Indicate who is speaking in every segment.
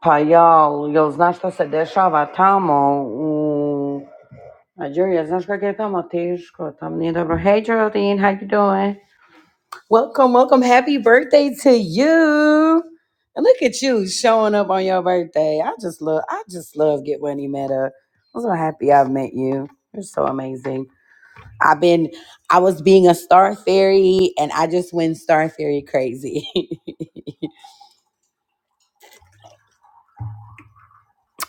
Speaker 1: Pa jel, jel znaš šta se dešava tamo u Nigeria? Znaš kako je tamo teško, tamo nije dobro. Hey Geraldine, how you doing? Welcome, welcome. Happy birthday to you. And look at you showing up on your birthday. I just love, I just love Get Money Meta. I'm so happy I've met you. You're so amazing. I've been, I was being a star fairy and I just went star fairy crazy.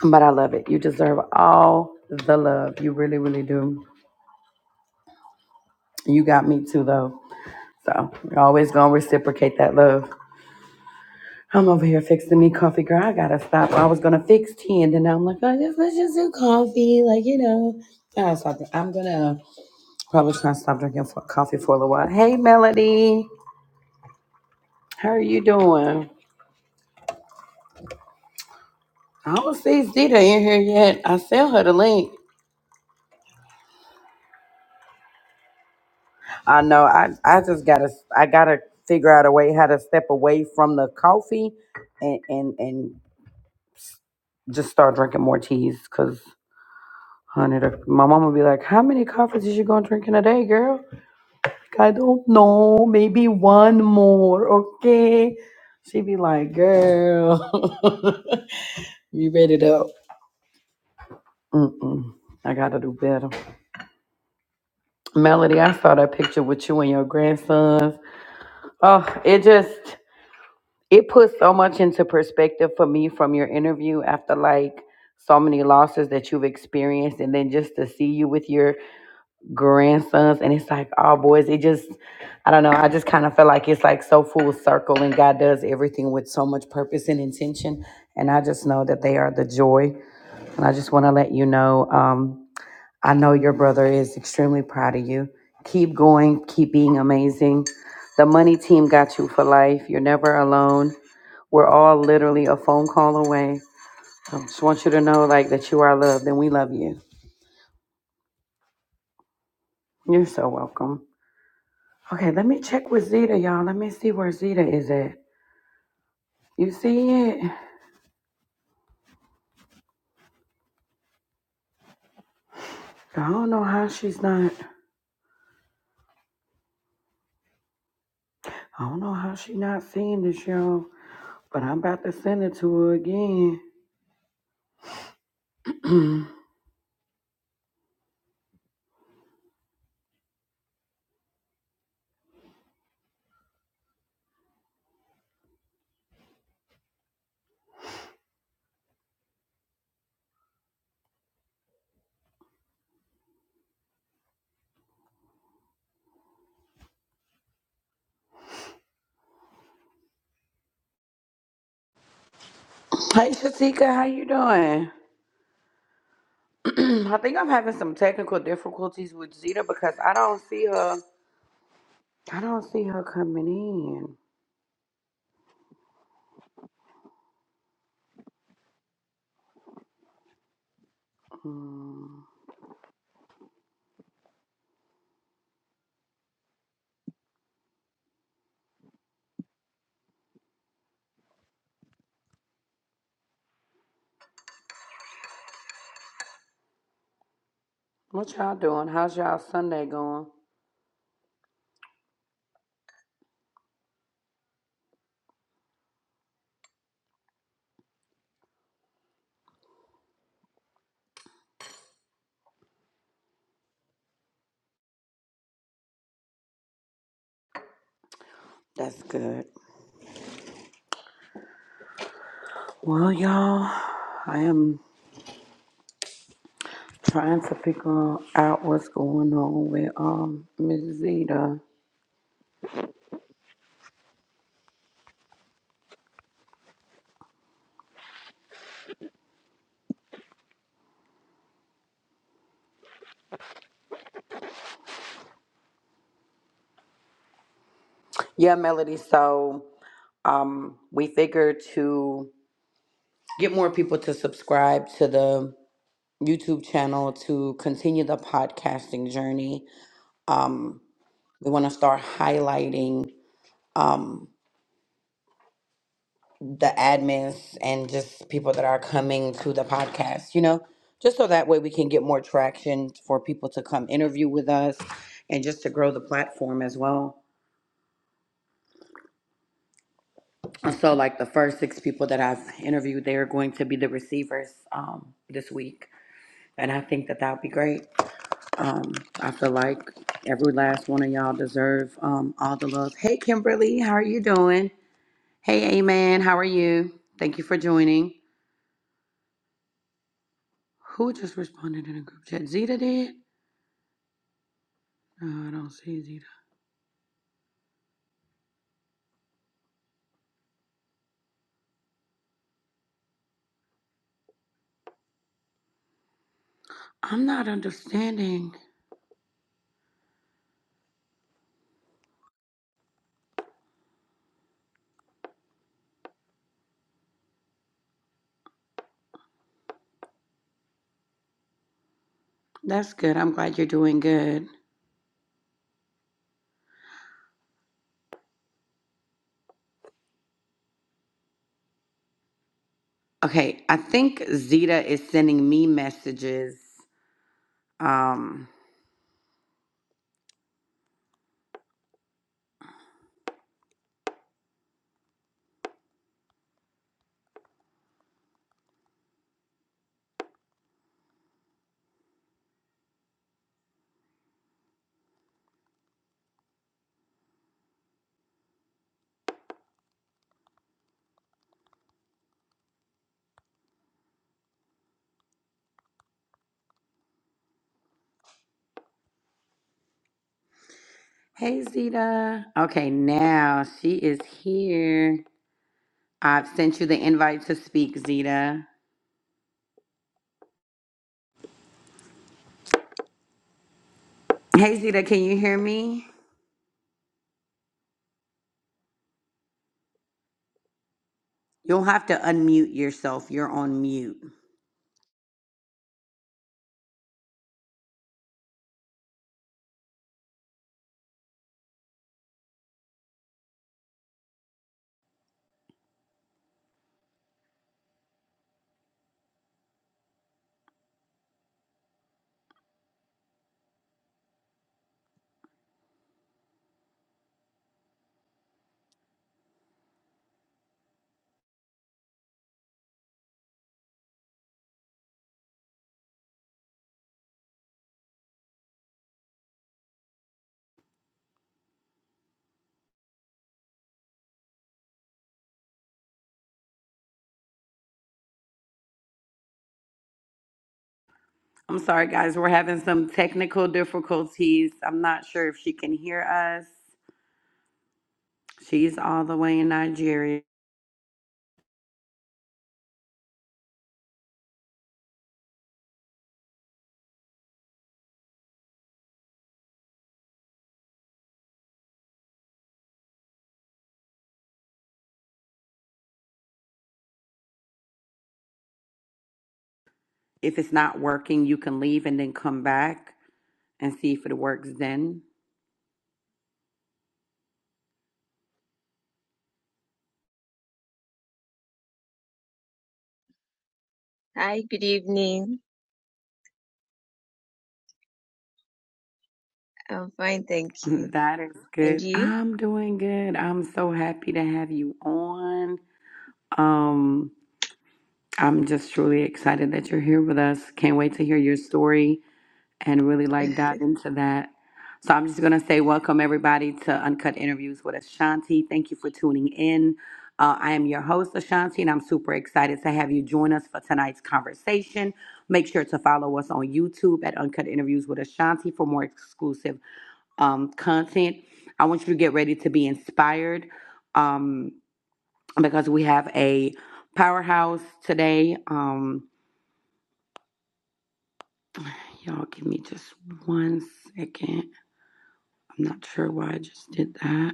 Speaker 1: But I love it. You deserve all the love. You really, really do. You got me too, though. So you're always gonna reciprocate that love. I'm over here fixing me coffee, girl. I gotta stop. I was gonna fix tea, and then I'm like, oh, just let's just do coffee, like you know. I gotta stop. it. I'm gonna probably try to stop drinking for coffee for a little while. Hey, Melody, how are you doing? I don't see Zita in here yet. I sent her the link. I know. I I just gotta I gotta figure out a way how to step away from the coffee, and and and just start drinking more teas, cause Honey, of- My mom would be like, "How many coffees is you gonna drink in a day, girl?" Like, I don't know. Maybe one more. Okay. She'd be like, "Girl, you ready to?" Mm-mm. I gotta do better. Melody, I saw that picture with you and your grandsons. Oh, it just it put so much into perspective for me from your interview after like so many losses that you've experienced, and then just to see you with your grandsons and it's like all boys it just i don't know i just kind of feel like it's like so full circle and god does everything with so much purpose and intention and i just know that they are the joy and i just want to let you know um, i know your brother is extremely proud of you keep going keep being amazing the money team got you for life you're never alone we're all literally a phone call away i just want you to know like that you are loved and we love you you're so welcome Okay, let me check with Zeta, y'all. Let me see where Zeta is at. You see it? I don't know how she's not. I don't know how she not seeing this, y'all. But I'm about to send it to her again. hey, Shatika, how you doing? I think I'm having some technical difficulties with Zeta because I don't see her. I don't see her coming in. Hmm. What y'all doing? How's y'all Sunday going? That's good. Well, y'all, I am. Trying to figure out what's going on with um Miss Zeta. Yeah, Melody. So um we figured to get more people to subscribe to the YouTube channel to continue the podcasting journey. Um we want to start highlighting um the admins and just people that are coming to the podcast, you know, just so that way we can get more traction for people to come interview with us and just to grow the platform as well. And So like the first six people that I've interviewed, they are going to be the receivers um, this week, and I think that that would be great. Um, I feel like every last one of y'all deserve um, all the love. Hey Kimberly, how are you doing? Hey Amen, how are you? Thank you for joining. Who just responded in a group chat? Zeta did? No, I don't see Zeta. I'm not understanding. That's good. I'm glad you're doing good. Okay, I think Zeta is sending me messages. Um, Hey, Zita. Okay, now she is here. I've sent you the invite to speak, Zita. Hey, Zita, can you hear me? You'll have to unmute yourself. You're on mute. I'm sorry, guys. We're having some technical difficulties. I'm not sure if she can hear us. She's all the way in Nigeria. If it's not working, you can leave and then come back and see if it works then.
Speaker 2: Hi, good evening. I'm fine, thank you.
Speaker 1: That is
Speaker 2: And
Speaker 1: good.
Speaker 2: you?
Speaker 1: I'm doing good. I'm so happy to have you on. Um, I'm just truly excited that you're here with us. Can't wait to hear your story and really like dive into that. So I'm just gonna say welcome everybody to Uncut Interviews with Ashanti. Thank you for tuning in. Uh, I am your host Ashanti, and I'm super excited to have you join us for tonight's conversation. Make sure to follow us on YouTube at Uncut Interviews with Ashanti for more exclusive um, content. I want you to get ready to be inspired. Um, because we have a powerhouse today. Um, y'all give me just one second. I'm not sure why I just did that.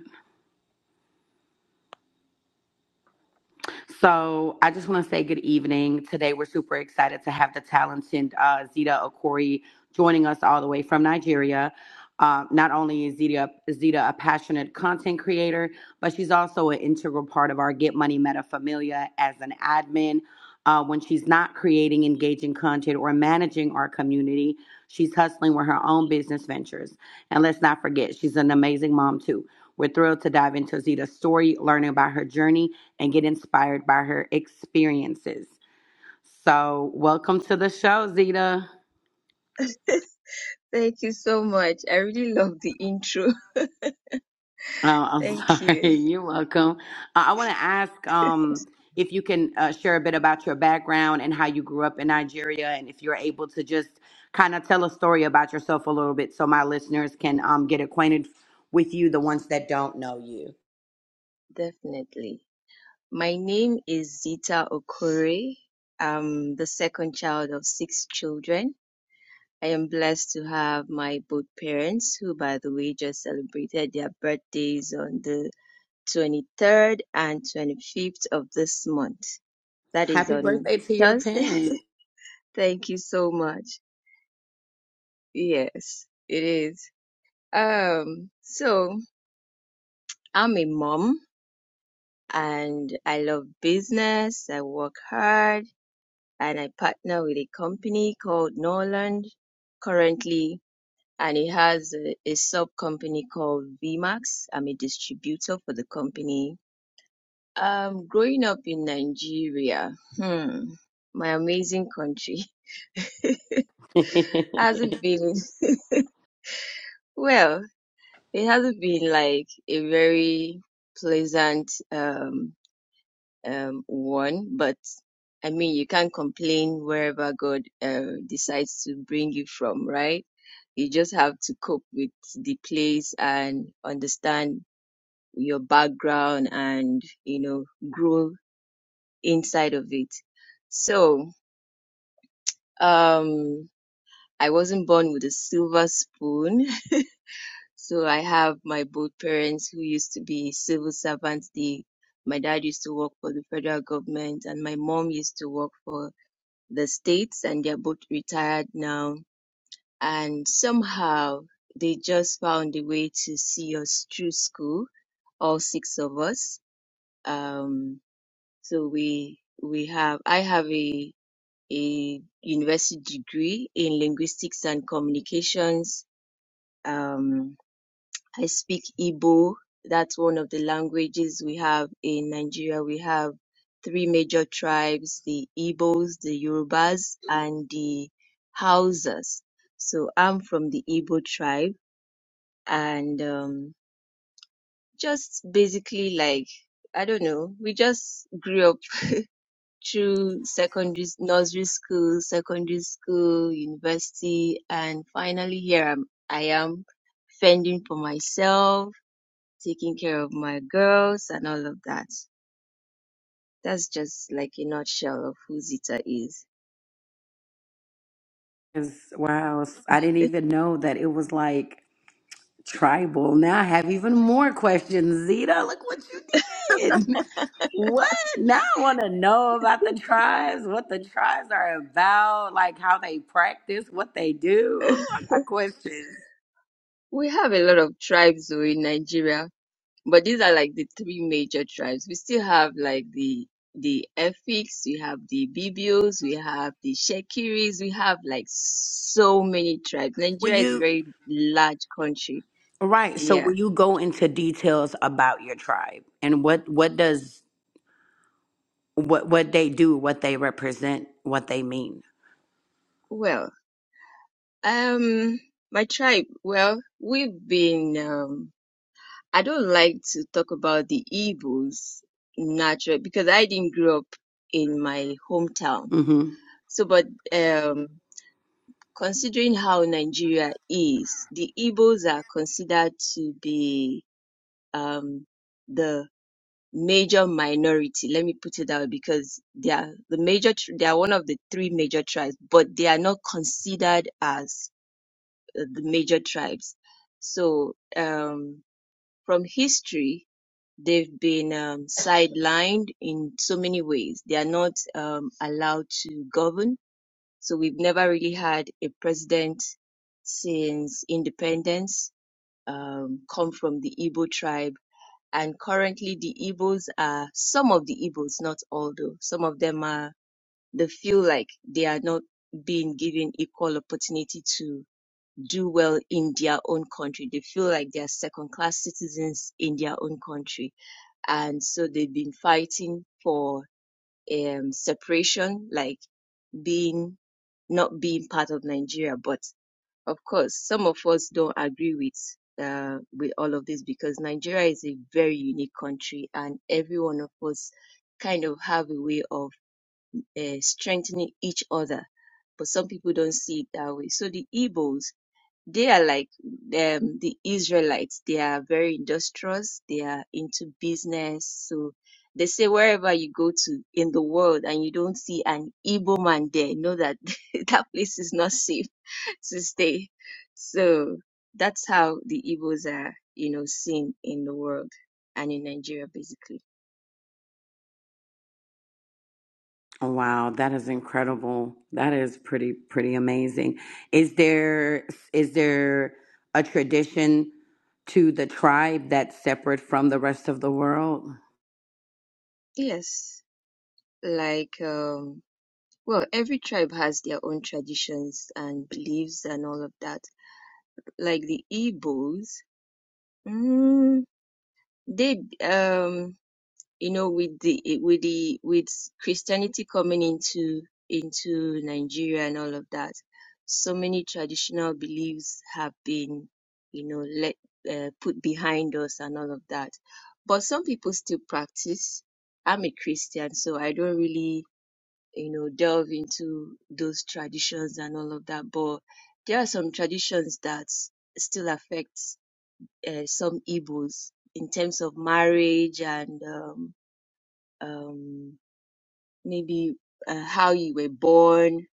Speaker 1: So I just want to say good evening. Today we're super excited to have the talented uh, Zita Okori joining us all the way from Nigeria. Uh, not only is Zita, Zita a passionate content creator, but she's also an integral part of our Get Money Metafamilia as an admin. Uh, when she's not creating engaging content or managing our community, she's hustling with her own business ventures. And let's not forget, she's an amazing mom too. We're thrilled to dive into Zita's story, learning about her journey and get inspired by her experiences. So, welcome to the show, Zita.
Speaker 2: Thank you so much. I really love the intro.
Speaker 1: Oh,
Speaker 2: Thank
Speaker 1: I'm sorry.
Speaker 2: you.
Speaker 1: You're welcome. Uh, I want to ask um, if you can uh, share a bit about your background and how you grew up in Nigeria, and if you're able to just kind of tell a story about yourself a little bit so my listeners can um, get acquainted with you, the ones that don't know you.
Speaker 2: Definitely. My name is Zita Okore. I'm the second child of six children. I am blessed to have my both parents, who, by the way, just celebrated their birthdays on the 23rd and 25th of this month. That is
Speaker 1: Happy
Speaker 2: on
Speaker 1: birthday to your
Speaker 2: Thursday.
Speaker 1: parents.
Speaker 2: Thank you so much. Yes, it is. Um, so I'm a mom and I love business. I work hard and I partner with a company called Norland currently, and it has a, a sub company called VMAX. I'm a distributor for the company. Um, growing up in Nigeria, hmm, my amazing country hasn't been, well, it hasn't been like a very pleasant, um, um, one, but I mean, you can't complain wherever God uh, decides to bring you from, right? You just have to cope with the place and understand your background and, you know, grow inside of it. So, um, I wasn't born with a silver spoon. So I have my both parents who used to be civil servants. They, my dad used to work for the federal government and my mom used to work for the States and they're both retired now. And somehow they just found a way to see us through school, all six of us. Um, so we, we have, I have a, a university degree in linguistics and communications. Um, I speak Igbo. That's one of the languages we have in Nigeria. We have three major tribes, the Igbos, the Yorubas, and the Hausas. So I'm from the Igbo tribe and um, just basically like, I don't know, we just grew up through secondary, nursery school, secondary school, university, and finally here I'm, I am fending for myself taking care of my girls and all of that. That's just like a nutshell of who Zita is.
Speaker 1: Yes, wow. I didn't even know that it was like Tribal. Now I have even more questions, Zita. Look what you did. What? Now I want to know about the tribes, what the tribes are about, like how they practice, what they do. Ooh, I got questions.
Speaker 2: we have a lot of tribes though in Nigeria, but these are like the three major tribes. We still have like the the Efiks, we have the Bibios, we have the Shekiris, we have like so many tribes.
Speaker 1: Will
Speaker 2: Nigeria is a
Speaker 1: you,
Speaker 2: very large country.
Speaker 1: right, so
Speaker 2: Yeah.
Speaker 1: will you go into details about your tribe and what what does what what they do, what they represent, what they mean?
Speaker 2: Well, um, my tribe, well, we've been, um I don't like to talk about the evils natural because I didn't grow up in my hometown. So, but um, considering how Nigeria is, the Igbos are considered to be um, the major minority. Let me put it that way because they are the major. tr- They are one of the three major tribes, but they are not considered as uh, the major tribes. So, um, from history, They've been um, sidelined in so many ways. They are not um, allowed to govern. So we've never really had a president since independence um, come from the Igbo tribe. And currently, the Igbos are some of the Igbos, not all though. Some of them are, they feel like they are not being given equal opportunity to do well in their own country. They feel like they are second class citizens in their own country and so they've been fighting for um, separation, like being not being part of Nigeria. But of course, some of us don't agree with uh, with all of this because Nigeria is a very unique country, and every one of us kind of have a way of uh, strengthening each other. But some people don't see it that way. So the Igbos they are like um, the Israelites. They are very industrious. They are into business. So they say wherever you go to in the world and you don't see an Igbo man there, know that that place is not safe to stay. So that's how the Igbos are, you know, seen in the world and in Nigeria, basically.
Speaker 1: Oh, Wow, that is incredible. That is pretty pretty amazing. Is there is there a tradition to the tribe that's separate from the rest of the world?
Speaker 2: Yes, like um, well, every tribe has their own traditions and beliefs and all of that. Like the Igbos. Mm, they, um, you know, with the with the with Christianity coming into into Nigeria and all of that, so many traditional beliefs have been, you know, let uh, put behind us and all of that. But some people still practice. I'm a Christian, so I don't really, you know, delve into those traditions and all of that. But there are some traditions that still affect uh, some Igbos in terms of marriage and um, um, maybe uh, how you were born.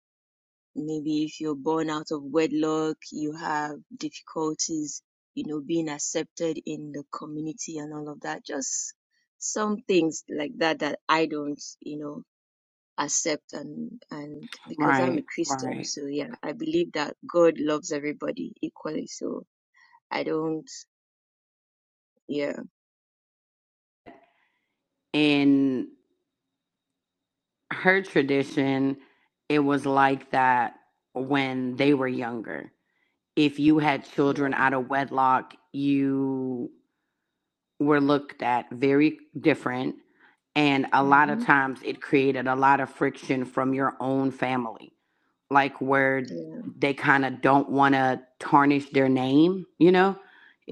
Speaker 2: Maybe if you're born out of wedlock, you have difficulties, you know, being accepted in the community and all of that. Just some things like that that I don't, you know, accept and and because I'm a
Speaker 1: Right,
Speaker 2: Christian,
Speaker 1: right.
Speaker 2: so yeah, I believe that God loves everybody equally. So I don't, yeah,
Speaker 1: In her tradition, it was like that when they were younger. If you had children
Speaker 2: yeah,
Speaker 1: out of wedlock, you were looked at very different And a lot of
Speaker 2: hmm
Speaker 1: times it created a lot of friction from your own family, like where
Speaker 2: yeah.
Speaker 1: they kind of don't want to tarnish their name, you know,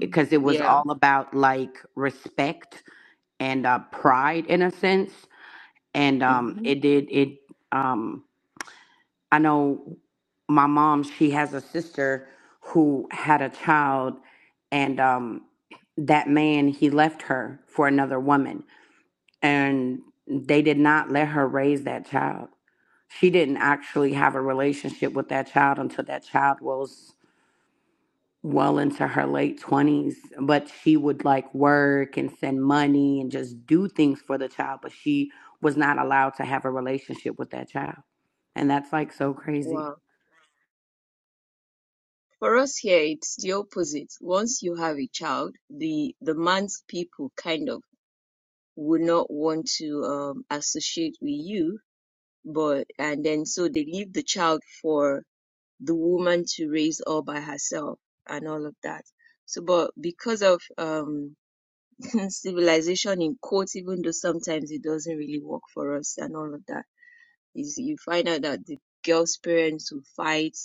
Speaker 2: Mm.
Speaker 1: it was
Speaker 2: Yeah.
Speaker 1: all about like respect and uh, pride in a sense. And um,
Speaker 2: hmm
Speaker 1: it did, it, um, I know my mom, she has a sister who had a child, and um, that man, he left her for another woman and they did not let her raise that child. She didn't actually have a relationship with that child until that child was well into her late 20s, but she would like work and send money and just do things for the child, but she was not allowed to have a relationship with that child. And that's like so crazy.
Speaker 2: Wow. For us here, it's the opposite. Once you have a child, the the man's people kind of would not want to um, associate with you, but and then so they leave the child for the woman to raise all by herself and all of that. So, but because of um, civilization in quotes, even though sometimes it doesn't really work for us and all of that is you find out that the girl's parents will fight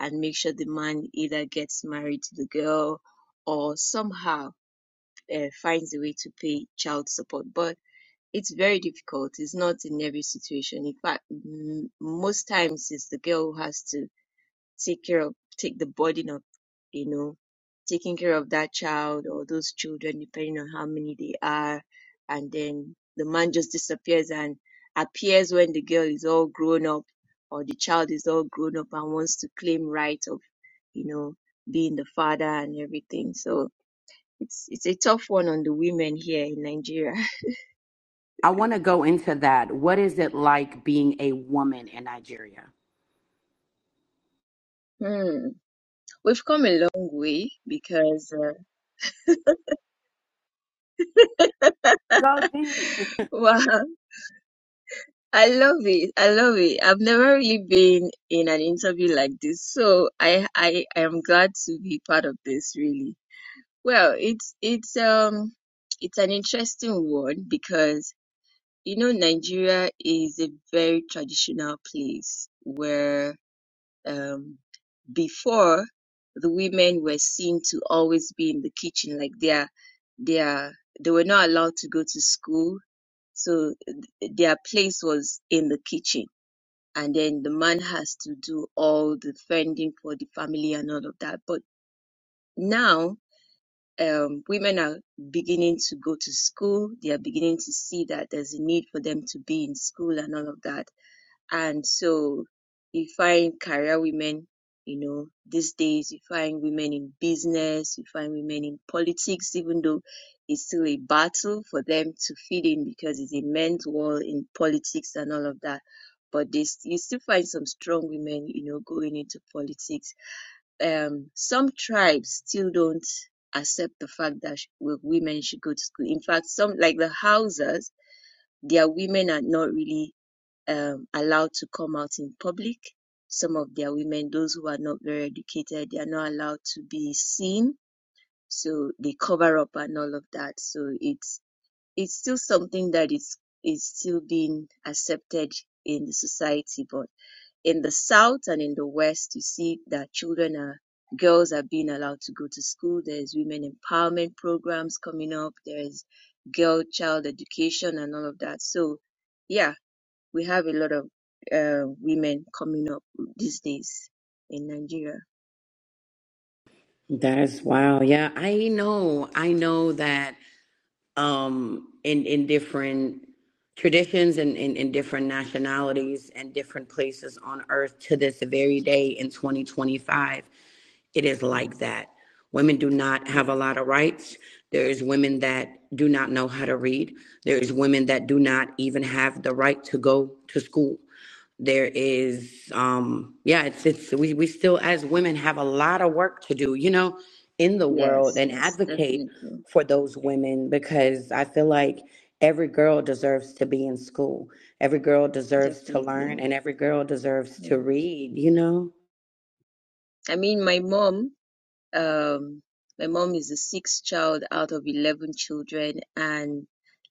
Speaker 2: and make sure the man either gets married to the girl or somehow uh, finds a way to pay child support. But it's very difficult. It's not in every situation. In fact, m- most times it's the girl who has to take care of take the burden of you know taking care of that child or those children depending on how many they are and then the man just disappears and appears when the girl is all grown up or the child is all grown up and wants to claim rights of you know being the father and everything so it's it's a tough one on the women here in Nigeria.
Speaker 1: I want to go into that. What is it like being a woman in Nigeria?
Speaker 2: Hmm. We've come a long way because uh,
Speaker 1: Go deep.
Speaker 2: wow, I love it. I love it. I've never really been in an interview like this, so I I I am glad to be part of this really. Well, it's it's um it's an interesting one because you know Nigeria is a very traditional place where um before the women were seen to always be in the kitchen like they are they are they were not allowed to go to school, so th- their place was in the kitchen and then the man has to do all the fending for the family and all of that. But now, um, women are beginning to go to school. They are beginning to see that there's a need for them to be in school and all of that. And so you find career women, you know, these days you find women in business, you find women in politics, even though it's still a battle for them to fit in because it's a men's world in politics and all of that. But they, st- you still find some strong women, you know, going into politics. Um, some tribes still don't accept the fact that sh- wo- women should go to school. In fact, some like the Hausas, their women are not really um, allowed to come out in public. Some of their women, those who are not very educated, they are not allowed to be seen. So they cover up and all of that. So it's it's still something that is is still being accepted in the society. But in the south and in the west, you see that children are girls are being allowed to go to school. There's women empowerment programs coming up. There's girl child education and all of that. So yeah, we have a lot of uh, women coming up these days in Nigeria.
Speaker 1: That is wow. Yeah, I know. I know that um, in in different traditions and in, different nationalities and different places on earth to this very day in 2025 it is like
Speaker 2: Mm,
Speaker 1: that women do not have a
Speaker 2: yeah.
Speaker 1: lot of rights there is women that do not know how to read there is women that do not even have the right to go to school there is um yeah it's it's we, we still as women have a lot of work to do you know in the world
Speaker 2: Yes.
Speaker 1: and
Speaker 2: Yes.
Speaker 1: advocate
Speaker 2: Definitely.
Speaker 1: for those women because I feel like every girl deserves to be in school. Every girl deserves to learn
Speaker 2: Definitely.
Speaker 1: and every girl deserves to
Speaker 2: Mm.
Speaker 1: read, you know?
Speaker 2: I mean, my mom. Um, my mom is the sixth child out of 11 children. And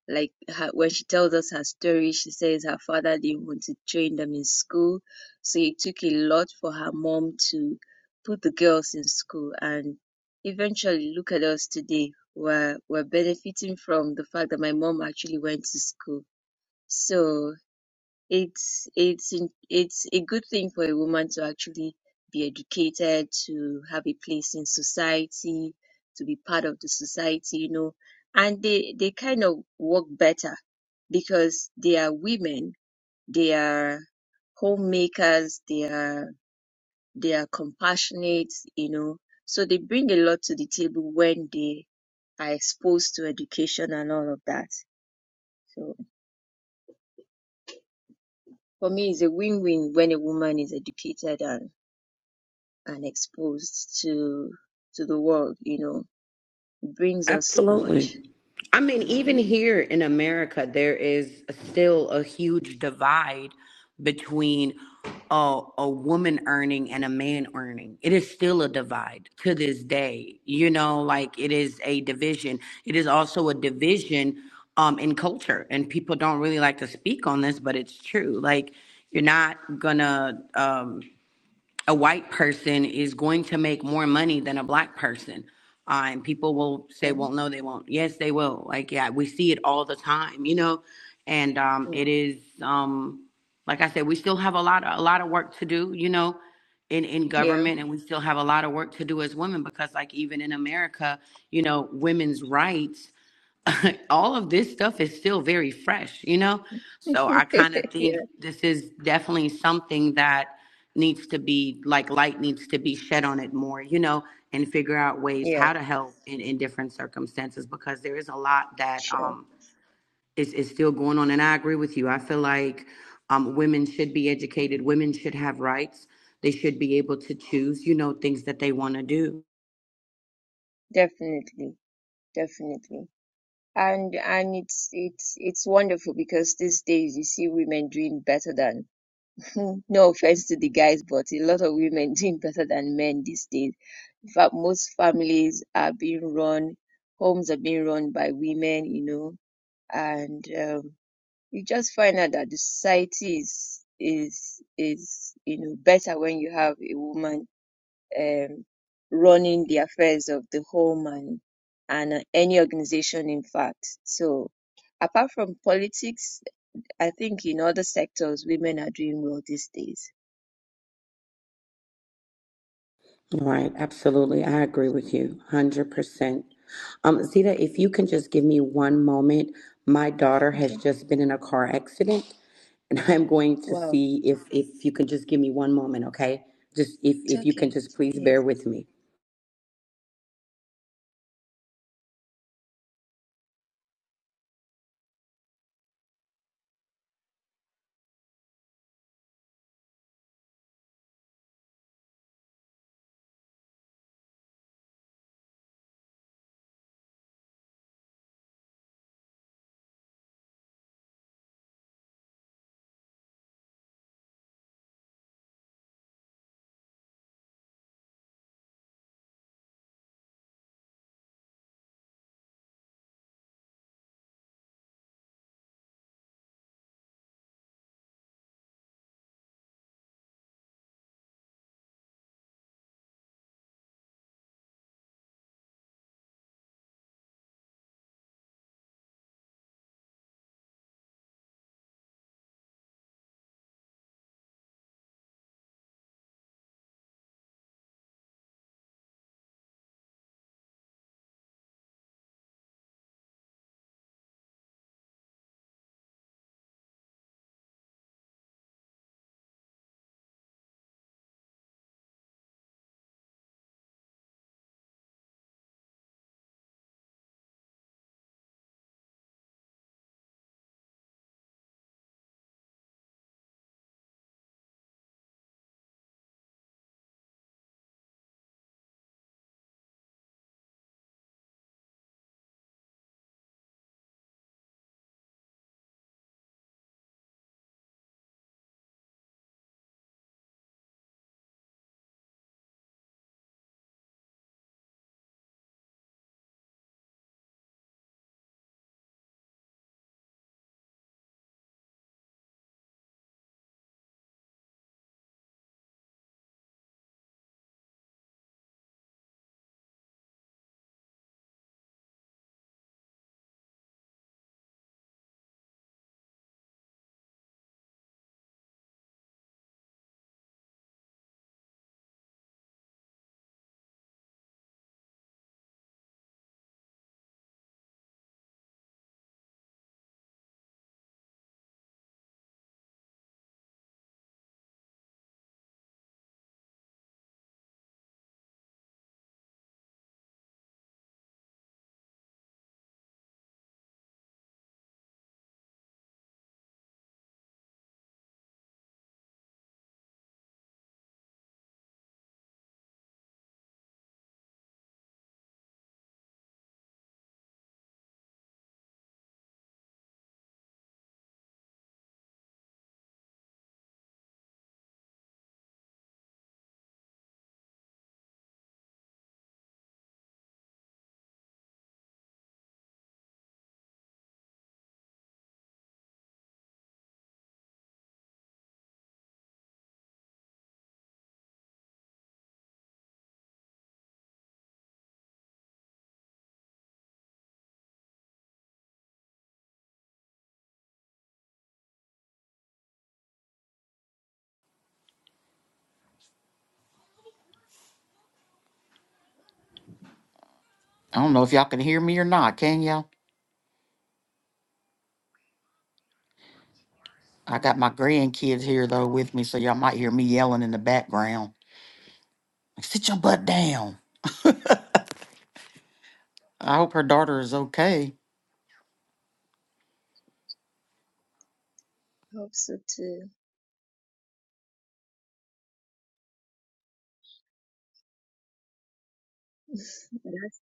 Speaker 2: like her, when she tells us her story, she says her father didn't want to train them in school. So it took a lot for her mom to put the girls in school. And eventually, look at us today. We're, we're benefiting from the fact that my mom actually went to school. So it's it's in- it's a good thing for a woman to actually be educated to have a place in society to be part of the society you know and they they kind of work better because they are women they are homemakers they are they are compassionate you know so they bring a lot to the table when they are exposed to education and all of that so for me it's a win-win when a woman is educated and exposed to to the world, you know, brings us so
Speaker 1: Absolutely.
Speaker 2: much.
Speaker 1: I mean, even
Speaker 2: hmm
Speaker 1: here in America, there is still a huge divide between a, a woman earning and a man earning. It is still a divide to this day. You know, like it is a division. It is also a division um, in culture, and people don't really like to speak on this, but it's true. Like, you're not gonna. um, a white person is going to make more money than a black person. Uh, and people will say,
Speaker 2: Okay.
Speaker 1: well, no, they won't. Yes, they will. Like, yeah, we see it all the time, you know? And um, it
Speaker 2: Mm.
Speaker 1: is, um, like I said, we still have a lot, of, a lot of work to do, you know, in, in
Speaker 2: Yeah.
Speaker 1: government. And we still have a lot of work to do as women because, like, even in America, you know, women's rights all of this stuff is still very fresh, you know? So I kind of think
Speaker 2: yeah.
Speaker 1: this is definitely something that needs to be like light needs to be shed on it more, you know, and figure out ways
Speaker 2: Yeah.
Speaker 1: how to help in, in different circumstances because there is a lot that
Speaker 2: Sure.
Speaker 1: um is, is still going on. And I agree with you. I feel like um women should be educated, women should have rights. They should be able to choose, you know, things that they want to do.
Speaker 2: Definitely. Definitely. And and it's it's it's wonderful because these days you see women doing better than no offense to the guys, but a lot of women doing better than men these days. In fact, most families are being run, homes are being run by women, you know, and um, you just find out that the society is is is you know better when you have a woman um, running the affairs of the home and and uh, any organization in fact so apart from politics i think in other sectors women are doing well these days
Speaker 1: Right, absolutely. I agree with you 100%. Um, Zita, if you can just give me one moment, my daughter has
Speaker 2: okay
Speaker 1: just been in a car accident, and I'm going to
Speaker 2: wow
Speaker 1: see if if you can just give me one moment, okay? Just if
Speaker 2: it's
Speaker 1: if you can
Speaker 2: okay
Speaker 1: just please bear
Speaker 2: please
Speaker 1: with me.
Speaker 3: I don't know if y'all can hear me or not, can y'all? I got my grandkids here though with me, so y'all might hear me yelling in the background. Like, sit your butt down. I hope her daughter is okay.
Speaker 2: I hope so too that's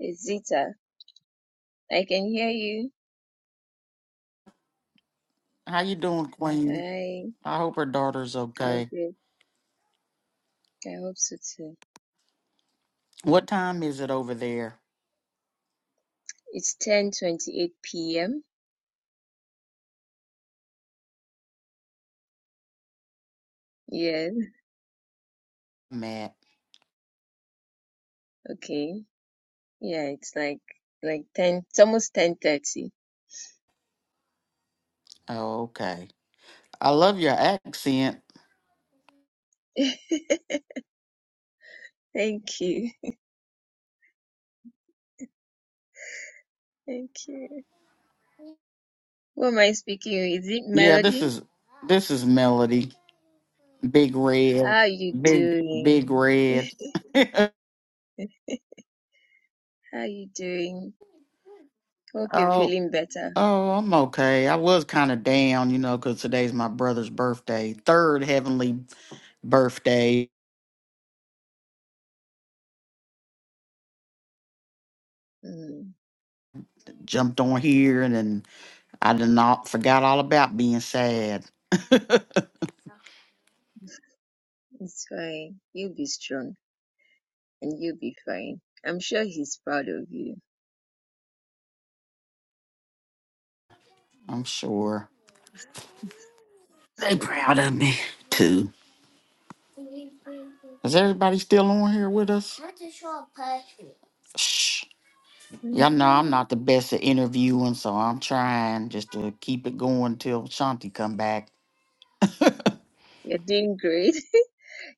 Speaker 2: it's zita i can hear you
Speaker 3: How you doing, Queen?
Speaker 2: hi
Speaker 3: I hope her daughter's
Speaker 2: i'm
Speaker 3: okay.
Speaker 2: good i hope so too
Speaker 3: What time is it over there,
Speaker 2: it's 10:28 p.m Yeah,
Speaker 3: Matt?
Speaker 2: okay. Yeah, it's like like 10, it's almost 10:30.
Speaker 3: Oh, okay. I love your accent.
Speaker 2: Thank you. Thank you. Who am I speaking with? Is it
Speaker 3: Yeah, this
Speaker 2: Melody?
Speaker 3: is this is Melody. Big red.
Speaker 2: How are you
Speaker 3: Big big
Speaker 2: doing?
Speaker 3: red.
Speaker 2: How are you doing? Hope you're
Speaker 3: oh
Speaker 2: feeling better.
Speaker 3: Oh, I'm okay. I was kind of down, you know, because today's my brother's birthday, third heavenly birthday.
Speaker 2: Mm,
Speaker 3: Jumped on here and then I did not forgot all about being sad.
Speaker 2: it's fine. You'll be strong and you'll be fine. I'm sure he's proud of you.
Speaker 3: I'm sure they proud of me too. Is everybody still on here with us? Shh. Y'all know I'm
Speaker 2: Mhm.
Speaker 3: not the best at interviewing, so I'm trying just to keep it going till Shanti come back.
Speaker 2: You're doing great.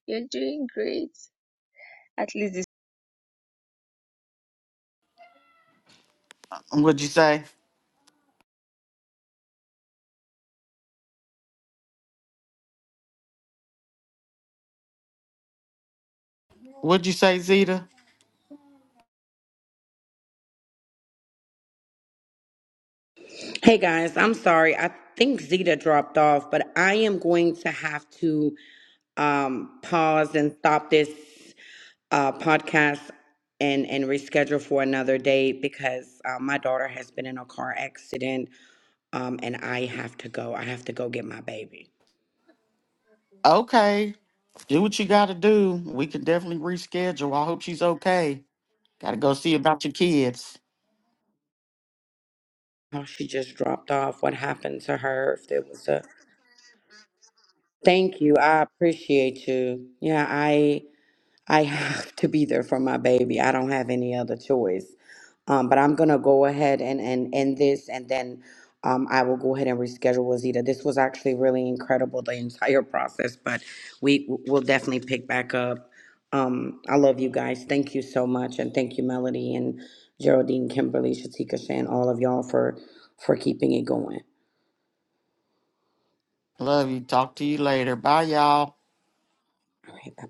Speaker 2: You're doing great. At least
Speaker 3: What'd you say? What'd you say, Zeta?
Speaker 1: Hey guys, I'm sorry. I think Zeta dropped off, but I am going to have to um pause and stop this uh, podcast and and reschedule for another day because uh, my daughter has been in a car accident um, and I have to go. I have to go get my baby.
Speaker 3: Okay. Do what you got to do. We can definitely reschedule. I hope she's okay. Got to go see about your kids.
Speaker 1: Oh, she just dropped off. What happened to her? If there was a thank you, I appreciate you. Yeah, I. I have to be there for my baby. I don't have any other choice. Um, but I'm gonna go ahead and and end this, and then um, I will go ahead and reschedule Wazita. This was actually really incredible, the entire process. But we will definitely pick back up. Um, I love you guys. Thank you so much, and thank you, Melody and Geraldine, Kimberly, Shatika, Shan, all of y'all for for keeping it going.
Speaker 3: Love you. Talk to you later. Bye, y'all.
Speaker 1: All right, bye bye.